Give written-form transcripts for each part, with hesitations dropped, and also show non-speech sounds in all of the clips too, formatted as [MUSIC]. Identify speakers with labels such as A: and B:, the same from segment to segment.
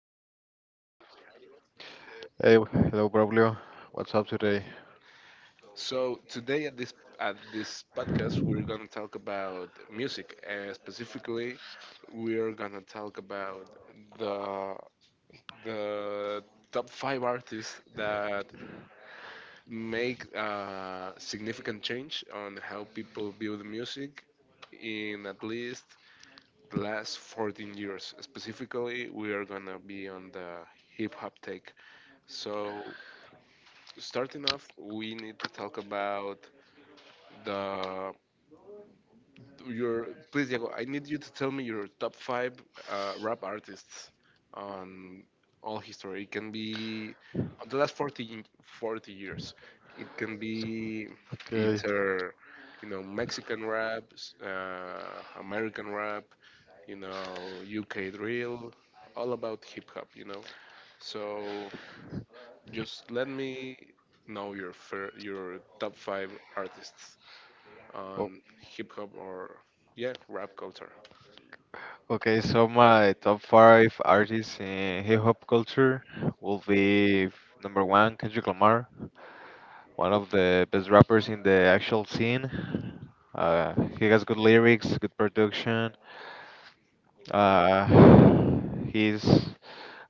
A: say hi, Diego?
B: Hey, hello, Braulio. What's up today?
A: So today at this podcast, we're gonna talk about music. Specifically, we're gonna talk about the the top five artists that make a significant change on how people view the music in at least the last 14 years. Specifically, we are gonna be on the hip hop take. So starting off, we need to talk about the your please, Diego. I need you to tell me your top five rap artists on all history. It can be on the last 40 years. It can be
B: Okay.
A: either you know Mexican rap, American rap, you know UK drill, all about hip hop. You know, so just let me know your your top five artists
B: o-
A: on hip hop or, yeah, rap culture.
B: Okay, so my top five artists in hip hop culture will be number one, Kendrick Lamar, one of the best rappers in the actual scene. He has good lyrics, good production. Uh, he's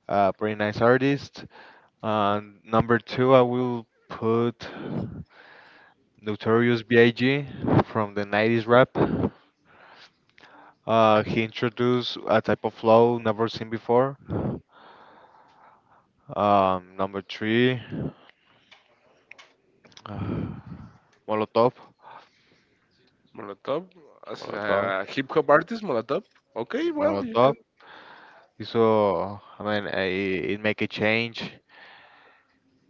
B: a pretty nice artist. And number two, I will put Notorious B.I.G. from the 90s rap. He introduced a type of flow never seen before. Number three, [SIGHS] uh, Molotov.
A: Molotov as
B: Molotov.
A: a hip hop artist, Molotov. Okay, well, you
B: Molotov.
A: can.
B: So, I mean, it make a change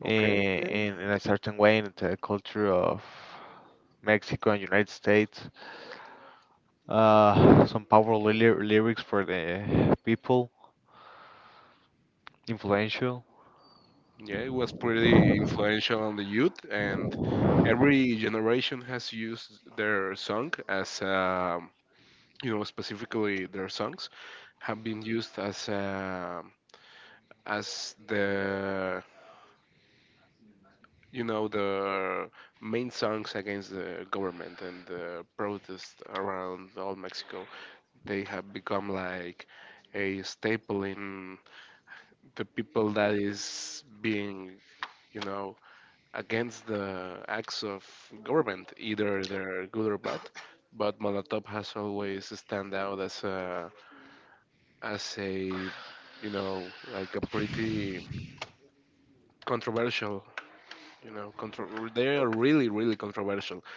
B: in,
A: Okay, yeah,
B: in, in a certain way in the culture of Mexico and United States. Some powerful lyrics for the people, influential.
A: yeah. It was pretty influential on the youth, and every generation has used their song as, you know, specifically their songs have been used as, as the, you know, the main songs against the government and the protests around all Mexico. They have become like a staple in the people that is being, you know, against the acts of government, either they're good or bad. But Molotov has always stand out as a you know like a pretty controversial, you know contro- they are really really controversial.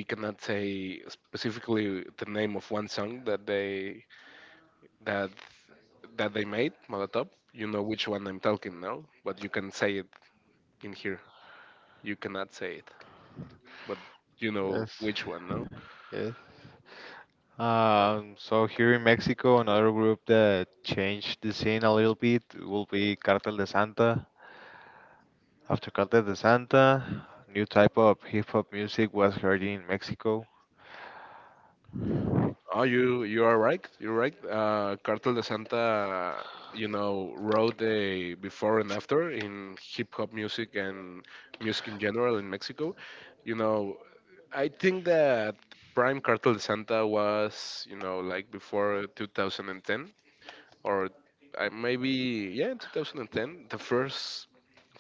A: We cannot say specifically the name of one song that they that that they made, Molotov, you know which one I'm talking now, but you can say it in here, you cannot say it, but you
B: Yes,
A: know which one. No.
B: yes. So here in Mexico, another group that changed the scene a little bit will be Cartel de Santa. After Cartel de Santa, new type of hip hop music was heard in Mexico.
A: Oh, you are right. You're right. Cartel de Santa, you know, wrote a before and after in hip hop music and music in general in Mexico. You know, I think that Prime Cartel de Santa was, you know, like before 2010, or I maybe, yeah, 2010. The first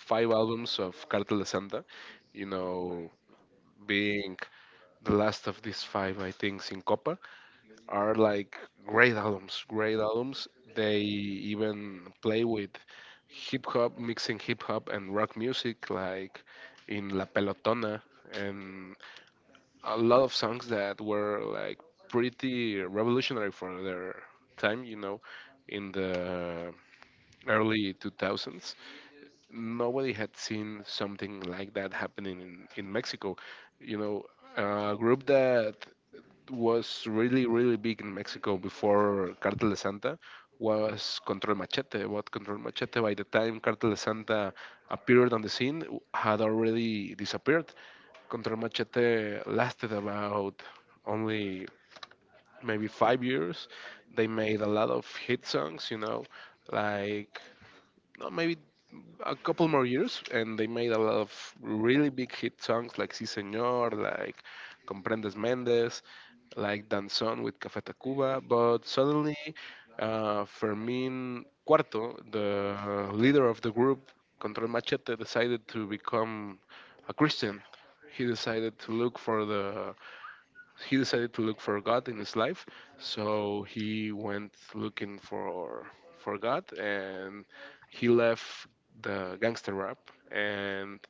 A: five albums of Cartel de Santa, you know, being the last of these five, I think, Sin Copa, are like great albums, great albums. They even play with hip hop, mixing hip hop and rock music, like in La Pelotona, and a lot of songs that were like pretty revolutionary for their time, you know, in the early 2000s. Nobody had seen something like that happening in Mexico. You know, a group that was really, really big in Mexico before Cartel de Santa was Control Machete. What Control Machete, by the time Cartel de Santa appeared on the scene, had already disappeared. Control Machete lasted about only maybe 5 years. They made a lot of hit songs, you know, like no, maybe a couple more years, and they made a lot of really big hit songs like Si Señor, like Comprendes Mendes, like Danzón with Café Tacuba. But suddenly, Fermín Cuarto, the leader of the group, Control Machete, decided to become a Christian. He decided to look for the he decided to look for God in his life, so he went looking for God, and he left the gangster rap, and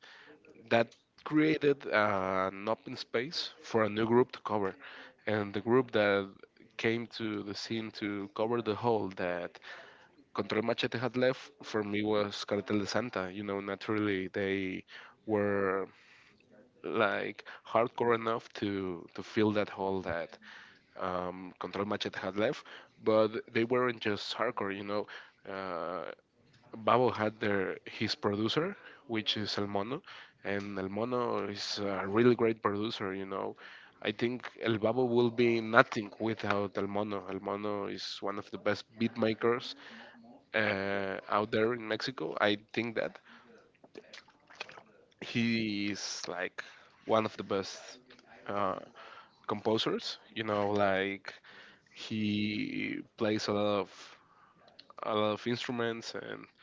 A: that created an open space for a new group to cover, and the group that came to the scene to cover the hole that Control Machete had left for me was Cartel de Santa. You know, naturally they were like hardcore enough to fill that hole that Control Machete had left, but they weren't just hardcore, you know. Uh, Babo had their his producer, which is El Mono, and El Mono is a really great producer, you know. I think El Babo will be nothing without El Mono. El Mono is one of the best beat makers out there in Mexico. I think that he is like one of the best uh, composers, you know, like he plays a lot of instruments, and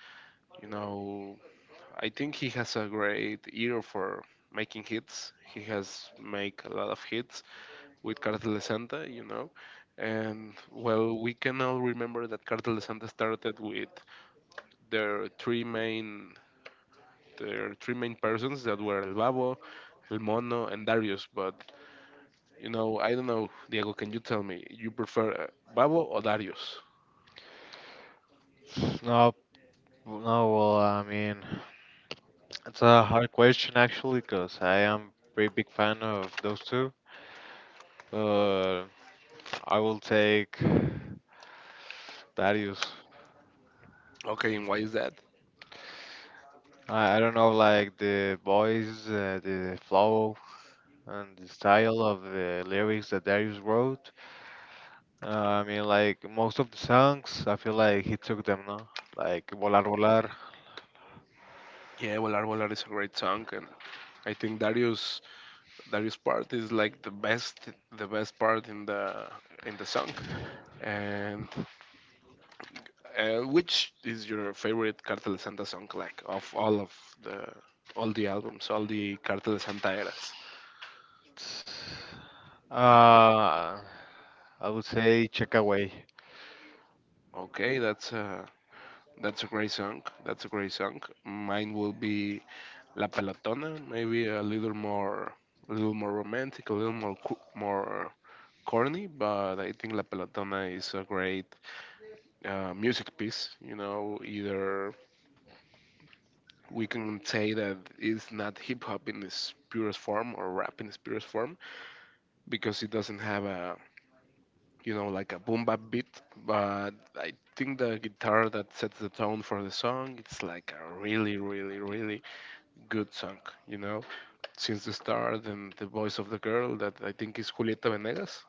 A: you know, I think he has a great ear for making hits. He has make a lot of hits with Cartel de Santa, you know, and well, we can all remember that Cartel de Santa started with their three main their three main persons that were El Babo, El Mono, and Darius. But you know, I don't know, Diego. Can you tell me, you prefer Babo or Darius?
B: No, no, well, I mean, it's a hard question actually, because I am pretty big fan of those two. Uh, I will take Darius.
A: Okay, and why is that?
B: I don't know, like the voice, the flow, and the style of the lyrics that Darius wrote. Uh, I mean, like most of the songs, I feel like he took them, no? Like Volar Volar.
A: Yeah, Volar Volar is a great song, and I think Darius part is like the best part in the song. And which is your favorite Cartel de Santa song, like of all of the all the albums, all the Cartel de Santa eras?
B: it's- Uh, I would say Check Away.
A: Okay, that's a great song. That's a great song. Mine will be La Pelotona, maybe a little more romantic, a little more corny, but I think La Pelotona is a great music piece. You know, either we can say that it's not hip hop in its purest form or rap in its purest form because it doesn't have a you know like a boom bap beat. But I think the guitar that sets the tone for the song it's like a really really really good song. You know, since the start and the voice of the girl that I think is Julieta Venegas.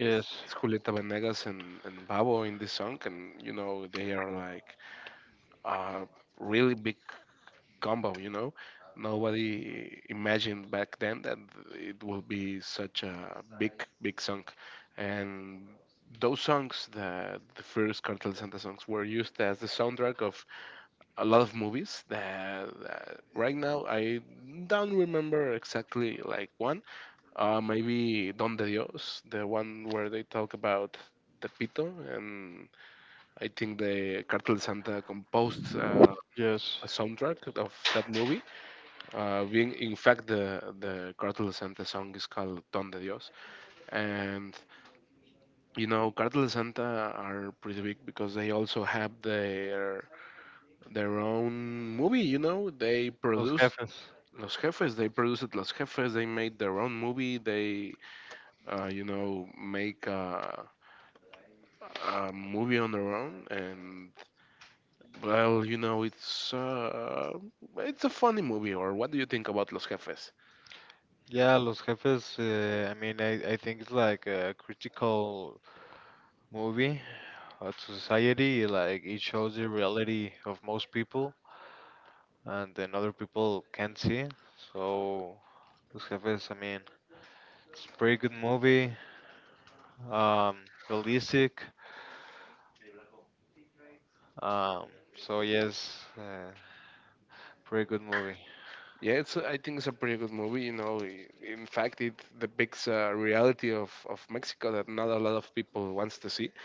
A: Yes. It's Julieta Venegas and Babo in this song, and you know, they are like uh, really big combo, you know? Nobody imagined back then that it would be such a big song. And those songs, the first Cartel de Santa songs, were used as the soundtrack of a lot of movies that right now I don't remember exactly like one. Maybe Don de Dios, the one where they talk about Tepito, and I think the Cartel de Santa composed
B: yes.
A: a soundtrack of that movie. Being, in fact, the Cartel de Santa song is called Don de Dios, and you know Cartel de Santa are pretty big because they also have their own movie. You know, they
B: Los
A: produced
B: Jefes.
A: Los Jefes. They produced Los Jefes. They made their own movie. They, you know, make a movie on their own, and well, you know, it's a funny movie. Or what do you think about Los Jefes?
B: Yeah, Los Jefes. I mean, I think it's like a critical movie to society. Like it shows the reality of most people. And then other people can see. So Los Jefes, I mean, it's a pretty good movie, um, realistic. Um, so yes, pretty good movie.
A: Yeah, I think it's a pretty good movie. You know, in fact, it depicts a reality of Mexico that not a lot of people wants to see,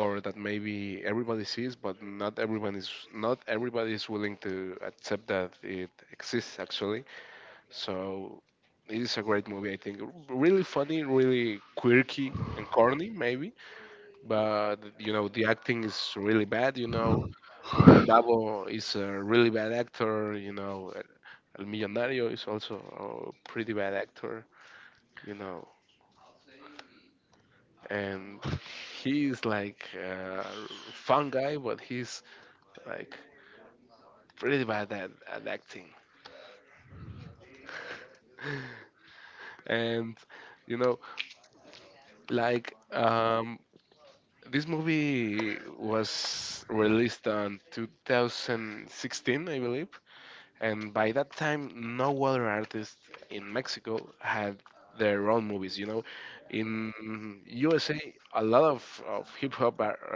A: or that maybe everybody sees, but not everybody is willing to accept that it exists actually. So it is a great movie. I think, really funny, really quirky and corny maybe, but you know the acting is really bad. You know, El Davo is a really bad actor, you know. El Millonario is also a pretty bad actor, you know. And he's like a fun guy, but he's like pretty bad at acting. And, you know, like, this movie was released on 2016, I believe. And by that time, no other artist in Mexico had their own movies. You know, in USA, a lot of hip hop ar-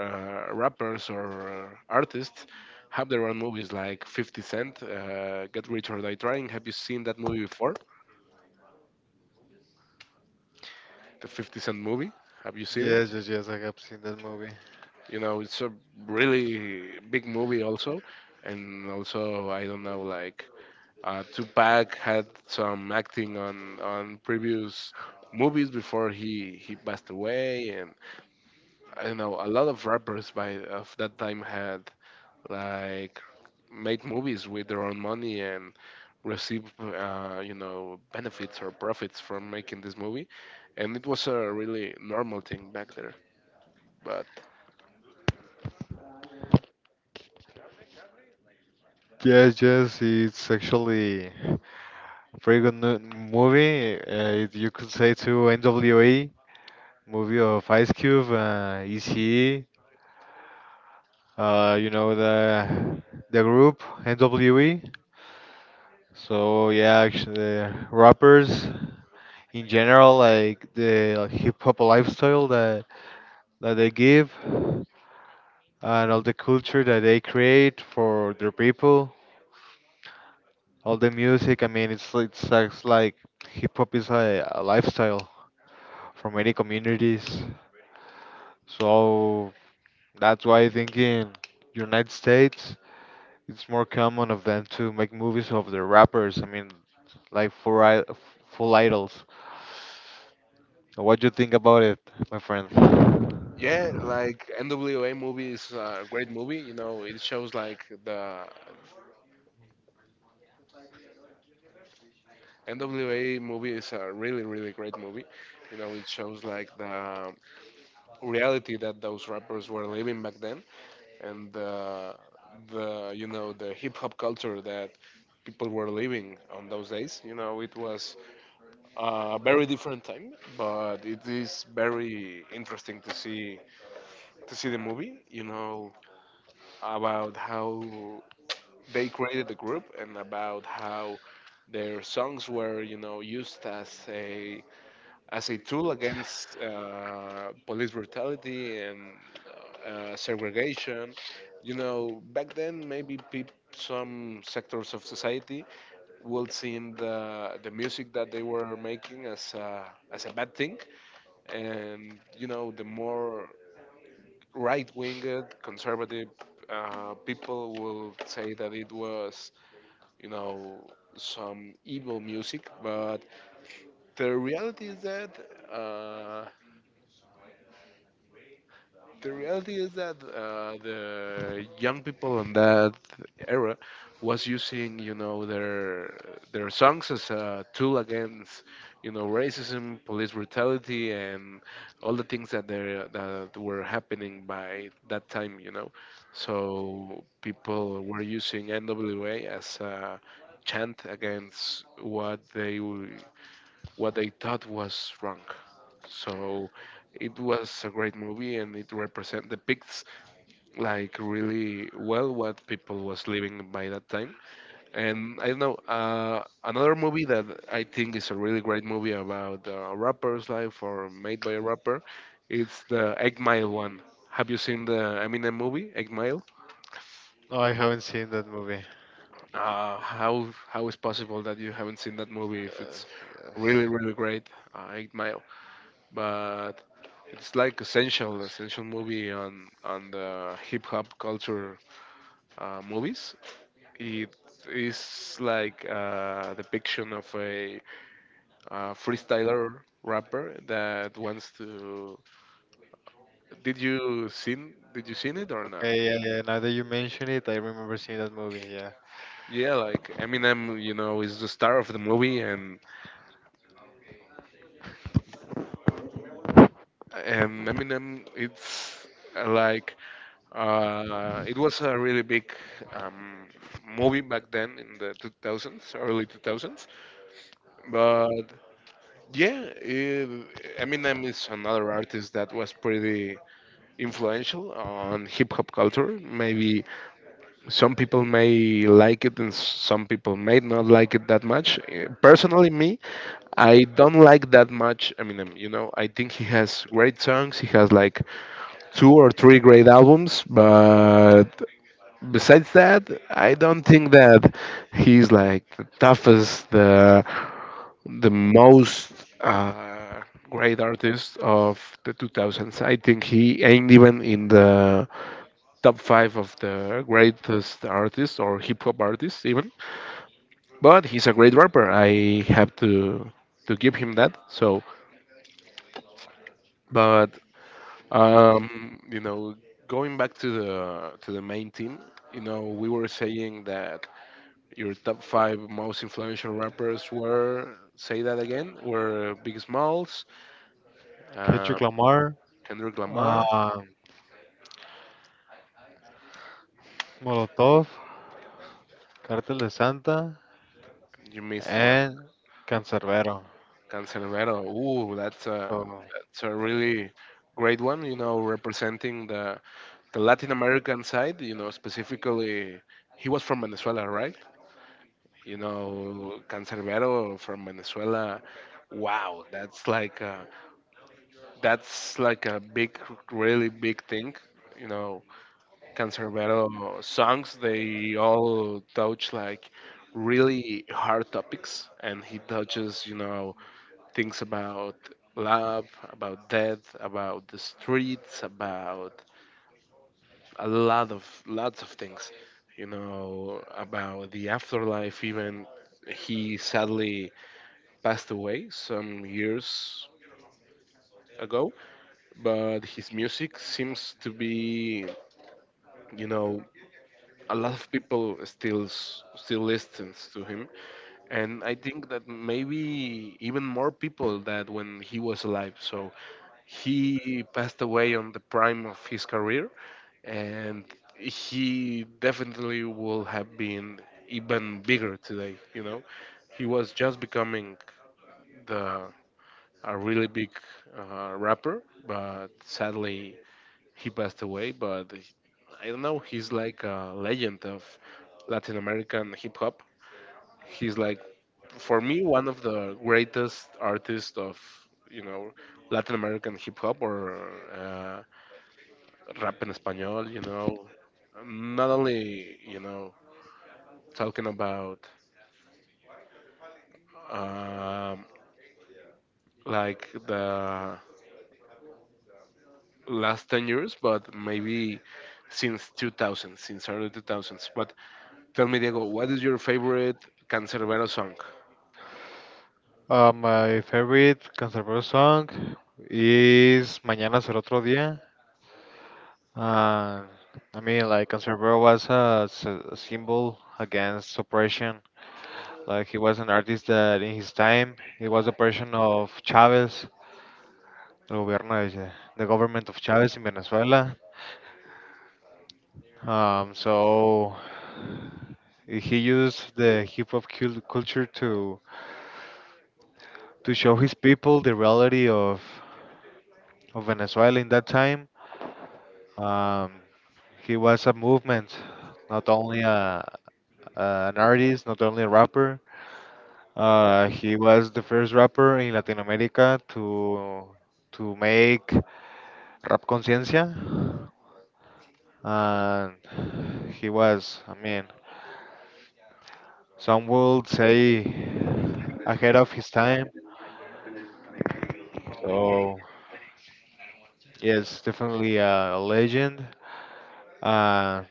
A: uh, rappers or artists have their own movies, like 50 Cent, Get Rich or Die Trying. Have you seen that movie before? The 50 Cent movie? Have you seen
B: Yes,
A: it?
B: yes, yes, I have seen that movie.
A: You know, it's a really big movie, also. And also, I don't know, like Tupac had some acting on previous movies before he passed away, and I don't know a lot of rappers by of that time had like made movies with their own money and received you know benefits or profits from making this movie, and it was a really normal thing back there, but.
B: Yes, yes, it's actually a pretty good movie. You could say to NWA movie of Ice Cube, ECE, you know the group N.W.A. So yeah, actually the rappers. In general, like hip hop lifestyle that they give, and all the culture that they create for their people, all the music. I mean, it's like hip hop is a lifestyle for many communities. So that's why I think in United States, it's more common of them to make movies of the rappers. I mean, like full full idols. What do you think about it, my friend?
A: Yeah, like NWA movie is a great movie. You know, it shows like the NWA movie is a really, really great movie. You know, it shows like the reality that those rappers were living back then, and the you know the hip hop culture that people were living on those days. You know, it was a very different time, but it is very interesting to see the movie. You know, about how they created the group and about how their songs were you know used as a tool against police brutality and segregation. You know, back then maybe peop some sectors of society would see the music that they were making as as a bad thing, and you know the more right-winged conservative people will say that it was you know some evil music, but the reality is that. Uh, the reality is that the young people in that era was using their songs as a tool against racism, police brutality, and all the things that were happening by that time, so people were using nwa as a chant against what they thought was wrong. So it was a great movie and it represent depicts like really well what people was living by that time. And I don't know, another movie that I think is a really great movie about a rapper's life or made by a rapper, it's the Egg Mile one. Have you seen the Eminem movie, Egg Mile?
B: No, I haven't seen that movie.
A: How is possible that you haven't seen that movie if it's really
B: Yes.
A: really great? Eight Mile. But it's like essential movie on the hip hop culture movies. It is like a depiction of a, uh, freestyler rapper that wants to. Did you seen it or no?
B: Okay, yeah, yeah. Now that you mention it, I remember seeing that movie. Yeah,
A: Yeah, like Eminem, you know, is the star of the movie, and Eminem, it's uh, like it was a really big um, movie back then in the 2000s, early 2000s. But yeah, Eminem is another artist that was pretty influential on hip hop culture. Maybe some people may like it and some people may not like it that much. Personally, me, I don't like that much Eminem. You know, I think he has great songs. He has like two or three great albums, but besides that, I don't think that he's like the toughest, the most uh, great artist of the 2000s. I think he ain't even in the top five of the greatest artists or hip hop artists even. But he's a great rapper. I have to give him that. So, but you know, going back to the main team, you know, we were saying that your top five most influential rappers were, say that again, were Big Smalls, uh,
B: Kendrick Lamar,
A: Kendrick Lamar.
B: um, Molotov, Cartel de Santa,
A: You missed one.
B: and Cancerbero.
A: Canserbero. Ooh, that's a
B: So,
A: really great one. You know, representing the Latin American side. You know, specifically, he was from Venezuela, right? You know, Canserbero from Venezuela. Wow, that's like a big, really big thing. You know, Cancerbero songs, they all touch like really hard topics, and he touches, you know, things about love, about death, about the streets, about a lot of lots of things, you know, about the afterlife. Even he sadly passed away some years ago, but his music seems to be, you know, a lot of people still listens to him, and I think that maybe even more people that when he was alive. So he passed away on the prime of his career, and he definitely will have been even bigger today, you know. He was just becoming the a really big rapper, but sadly he passed away, I don't know. He's like a legend of Latin American hip hop. He's like, for me, one of the greatest artists of, you know, Latin American hip hop or uh, rap en español. You know, not only, you know, talking about um, like the last 10 years, but maybe since 2000, since early 2000s. What, tell me, Diego, what is your favorite Cancerbero song?
B: my favorite Cancerbero song is "Mañana será otro día." Uh, I mean, like Cancerbero was a symbol against oppression. Like he was an artist that, in his time, it was oppression of Chavez. El gobierno de, the government of Chavez in Venezuela. So he used the hip hop culture to show his people the reality of Venezuela in that time. Um, he was a movement, not only an artist, not only a rapper. He was the first rapper in Latin America to make rap conciencia, and he was, I mean, some would say ahead of his time. So yes, definitely a legend. Uh,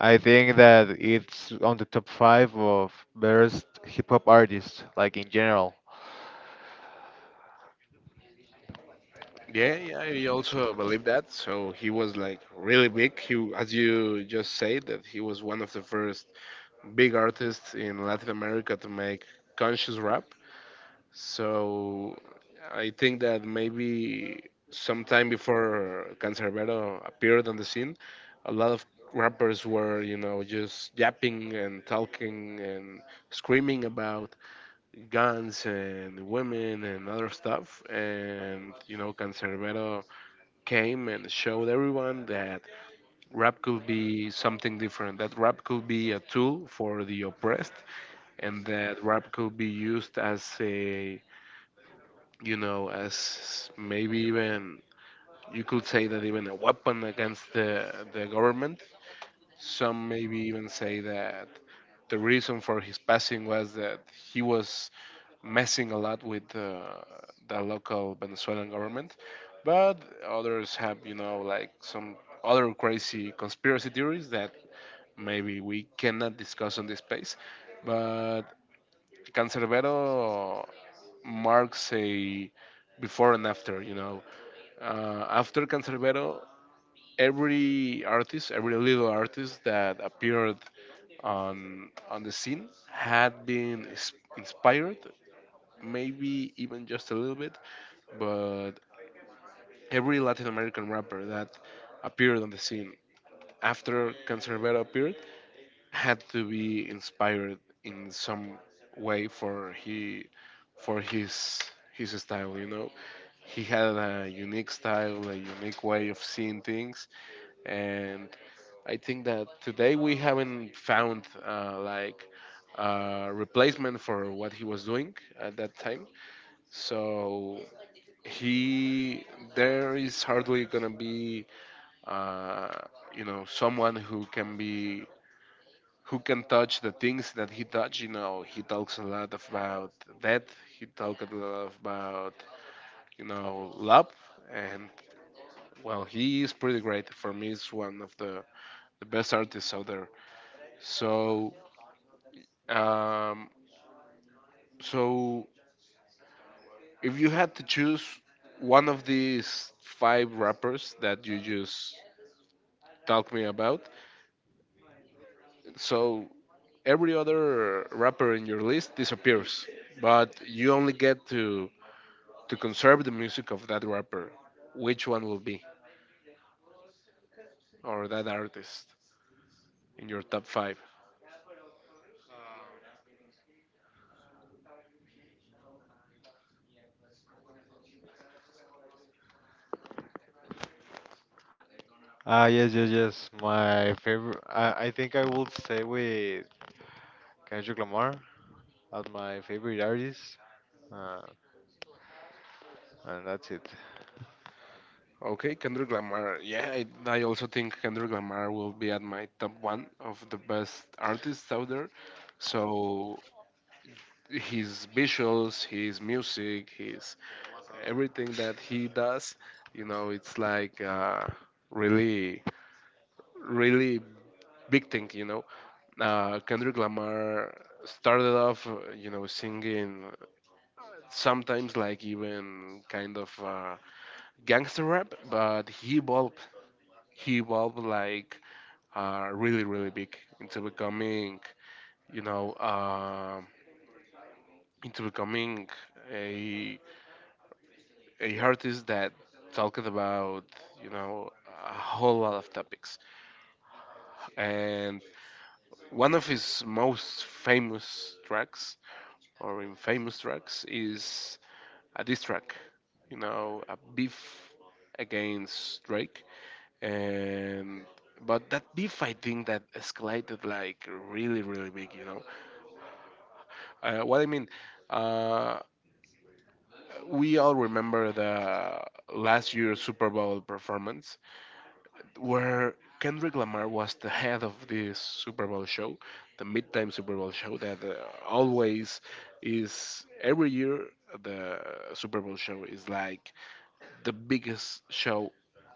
B: I think that it's on the top five of best hip hop artists, like in general.
A: Yeah, yeah, I also believe that. So he was like really big. He, as you just said, that he was one of the first big artists in Latin America to make conscious rap. So I think that maybe sometime before Cancerbero appeared on the scene, a lot of rappers were, you know, just yapping and talking and screaming about guns and women and other stuff. And you know, Cancerbero came and showed everyone that rap could be something different. That rap could be a tool for the oppressed, and that rap could be used as a, you know, as maybe even, you could say that even a weapon against the government. Some maybe even say that the reason for his passing was that he was messing a lot with the local Venezuelan government, but others have, you know, like some other crazy conspiracy theories that maybe we cannot discuss on this space. But Cancerbero marks a before and after, you know. After Cancerbero, every artist, every little artist that appeared on the scene had been inspired maybe even just a little bit, but every Latin American rapper that appeared on the scene after Cancerbero appeared had to be inspired in some way for he for his style, you know. He had a unique style, a unique way of seeing things, and I think that today we haven't found like replacement for what he was doing at that time. So he there is hardly gonna be uh, you know, someone who can be who can touch the things that he touch. You know, he talks a lot about death, he talks a lot about, you know, love, and well, he is pretty great. For me, he's one of the best artists out there. So, um so if you had to choose one of these five rappers that you just talked me about, so every other rapper in your list disappears, but you only get to conserve the music of that rapper. Which one will be, or that artist, in your top five?
B: Ah yes, yes, yes. My favorite. I think I would stay with Kendrick Lamar as my favorite artist, uh, and that's it.
A: Okay, Kendrick Lamar. Yeah, I also think Kendrick Lamar will be at my top one of the best artists out there. So his visuals, his music, his everything that he does, you know, it's like really, really big thing, you know. Kendrick Lamar started off, you know, singing sometimes like even kind of gangster rap, but he evolved. He evolved like really, really big into becoming, you know, into becoming a a artist that talked about, you know, a whole lot of topics. And one of his most famous tracks or infamous tracks is a diss track, you know, a beef against Drake, and but that beef I think that escalated like really really big, you know. Uh, what I mean, uh, we all remember the last year's Super Bowl performance where Kendrick Lamar was the head of this Super Bowl show, the midtime Super Bowl show that always is every year. The Super Bowl show is like the biggest show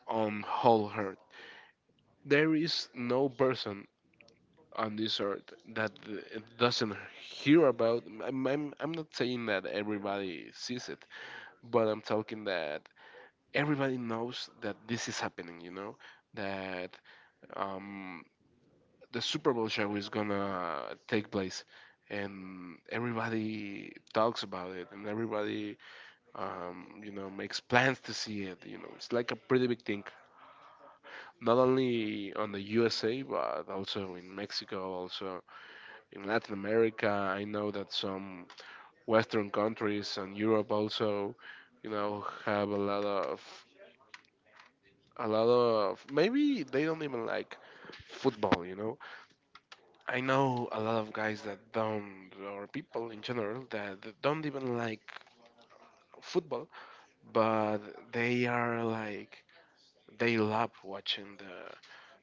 A: on whole earth. There is no person on this earth that doesn't hear about. I'm not saying that everybody sees it, but I'm talking that everybody knows that this is happening. You know that um, the Super Bowl show is gonna take place. And everybody talks about it, and everybody, you know, makes plans to see it. You know, it's like a pretty big thing not only on the USA but also in Mexico, also in Latin America. I know that some Western countries and Europe also, you know, have a lot of maybe they don't even like football. You know, I know a lot of guys that don't or people in general that don't even like football, but they are like they love watching the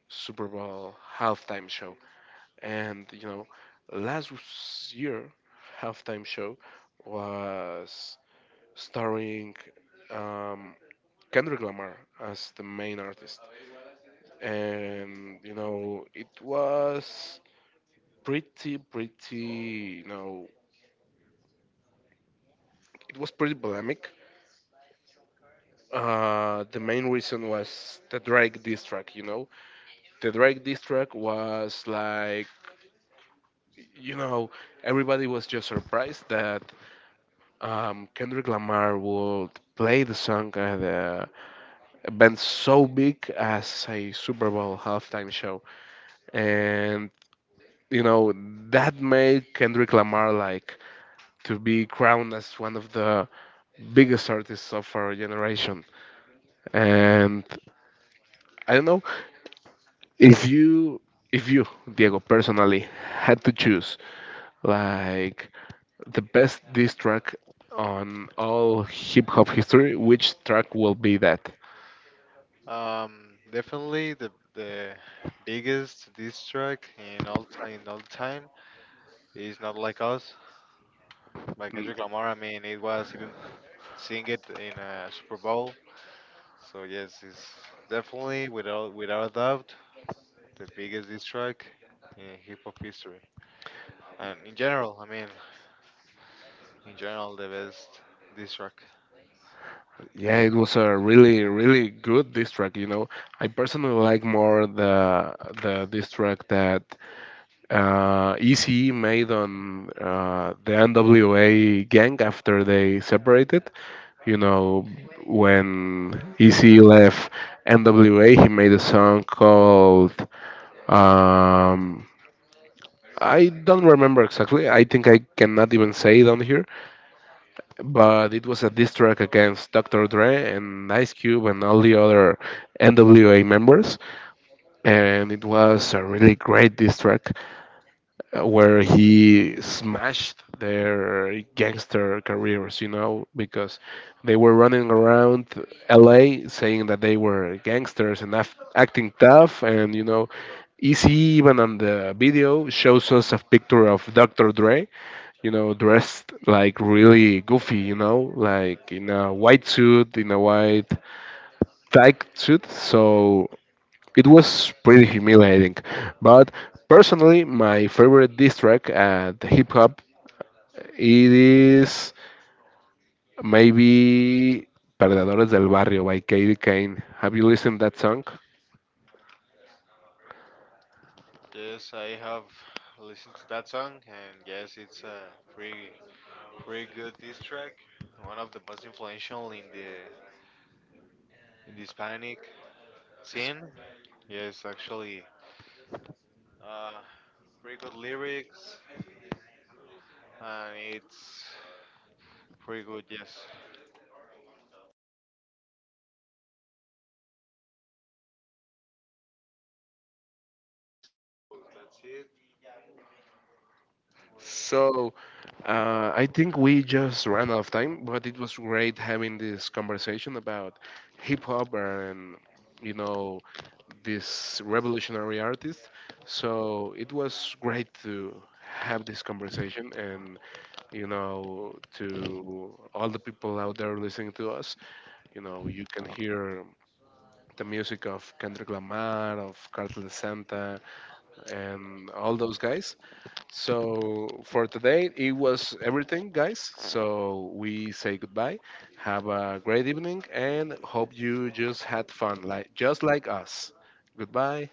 A: Super Bowl halftime show. And you know, Lazarus Year halftime show was starring um, Kendrick Lamar as the main artist, and you know, it was you know, it was pretty polemic. The main reason was the Drake diss track, you know. The Drake diss track was like, you know, everybody was just surprised that Kendrick Lamar would play the song at the event so big as a Super Bowl halftime show. And, you know, that made Kendrick Lamar like to be crowned as one of the biggest artists of our generation. And I don't know if you, if you, Diego, personally had to choose like the best diss track on all hip hop history, which track will be that?
B: Definitely the biggest diss track in all time is not like us. By Kendrick Lamar. I mean, it was even sing it in a Super Bowl. So yes, it's definitely without a doubt the biggest diss track in hip hop history, and in general. I mean, in general, the best diss track.
A: Yeah, it was a really, really good diss track. You know, I personally like more the diss track that ECE made on the NWA gang after they separated. You know, when ECE left NWA, he made a song called um, I don't remember exactly. I think I cannot even say it on here, but it was a diss track against Dr. Dre and Ice Cube and all the other NWA members. And it was a really great diss track where he smashed their gangster careers, you know, because they were running around LA saying that they were gangsters and acting tough, and, you know, Easy even on the video shows us a picture of Dr. Dre, you know, dressed like really goofy, you know, like in a white suit, in a white tight suit. So it was pretty humiliating. But personally, my favorite diss track at hip hop it is maybe Perdedores del Barrio by Katie Kane. Have you listened that song?
B: Yes, I have listened to that song, and yes, it's a pretty pretty good diss track. One of the most influential in the Hispanic scene. Yes, actually, uh, pretty good lyrics. And it's pretty good. Yes.
A: So, I think we just ran out of time, but it was great having this conversation about hip hop and, you know, this revolutionary artist. So, it was great to have this conversation and, you know, to all the people out there listening to us, you know, you can hear the music of Kendrick Lamar, of Cartel de Santa, and all those guys. So for today, it was everything, guys. So we say goodbye. Have a great evening, and hope you just had fun, like just like us. Goodbye.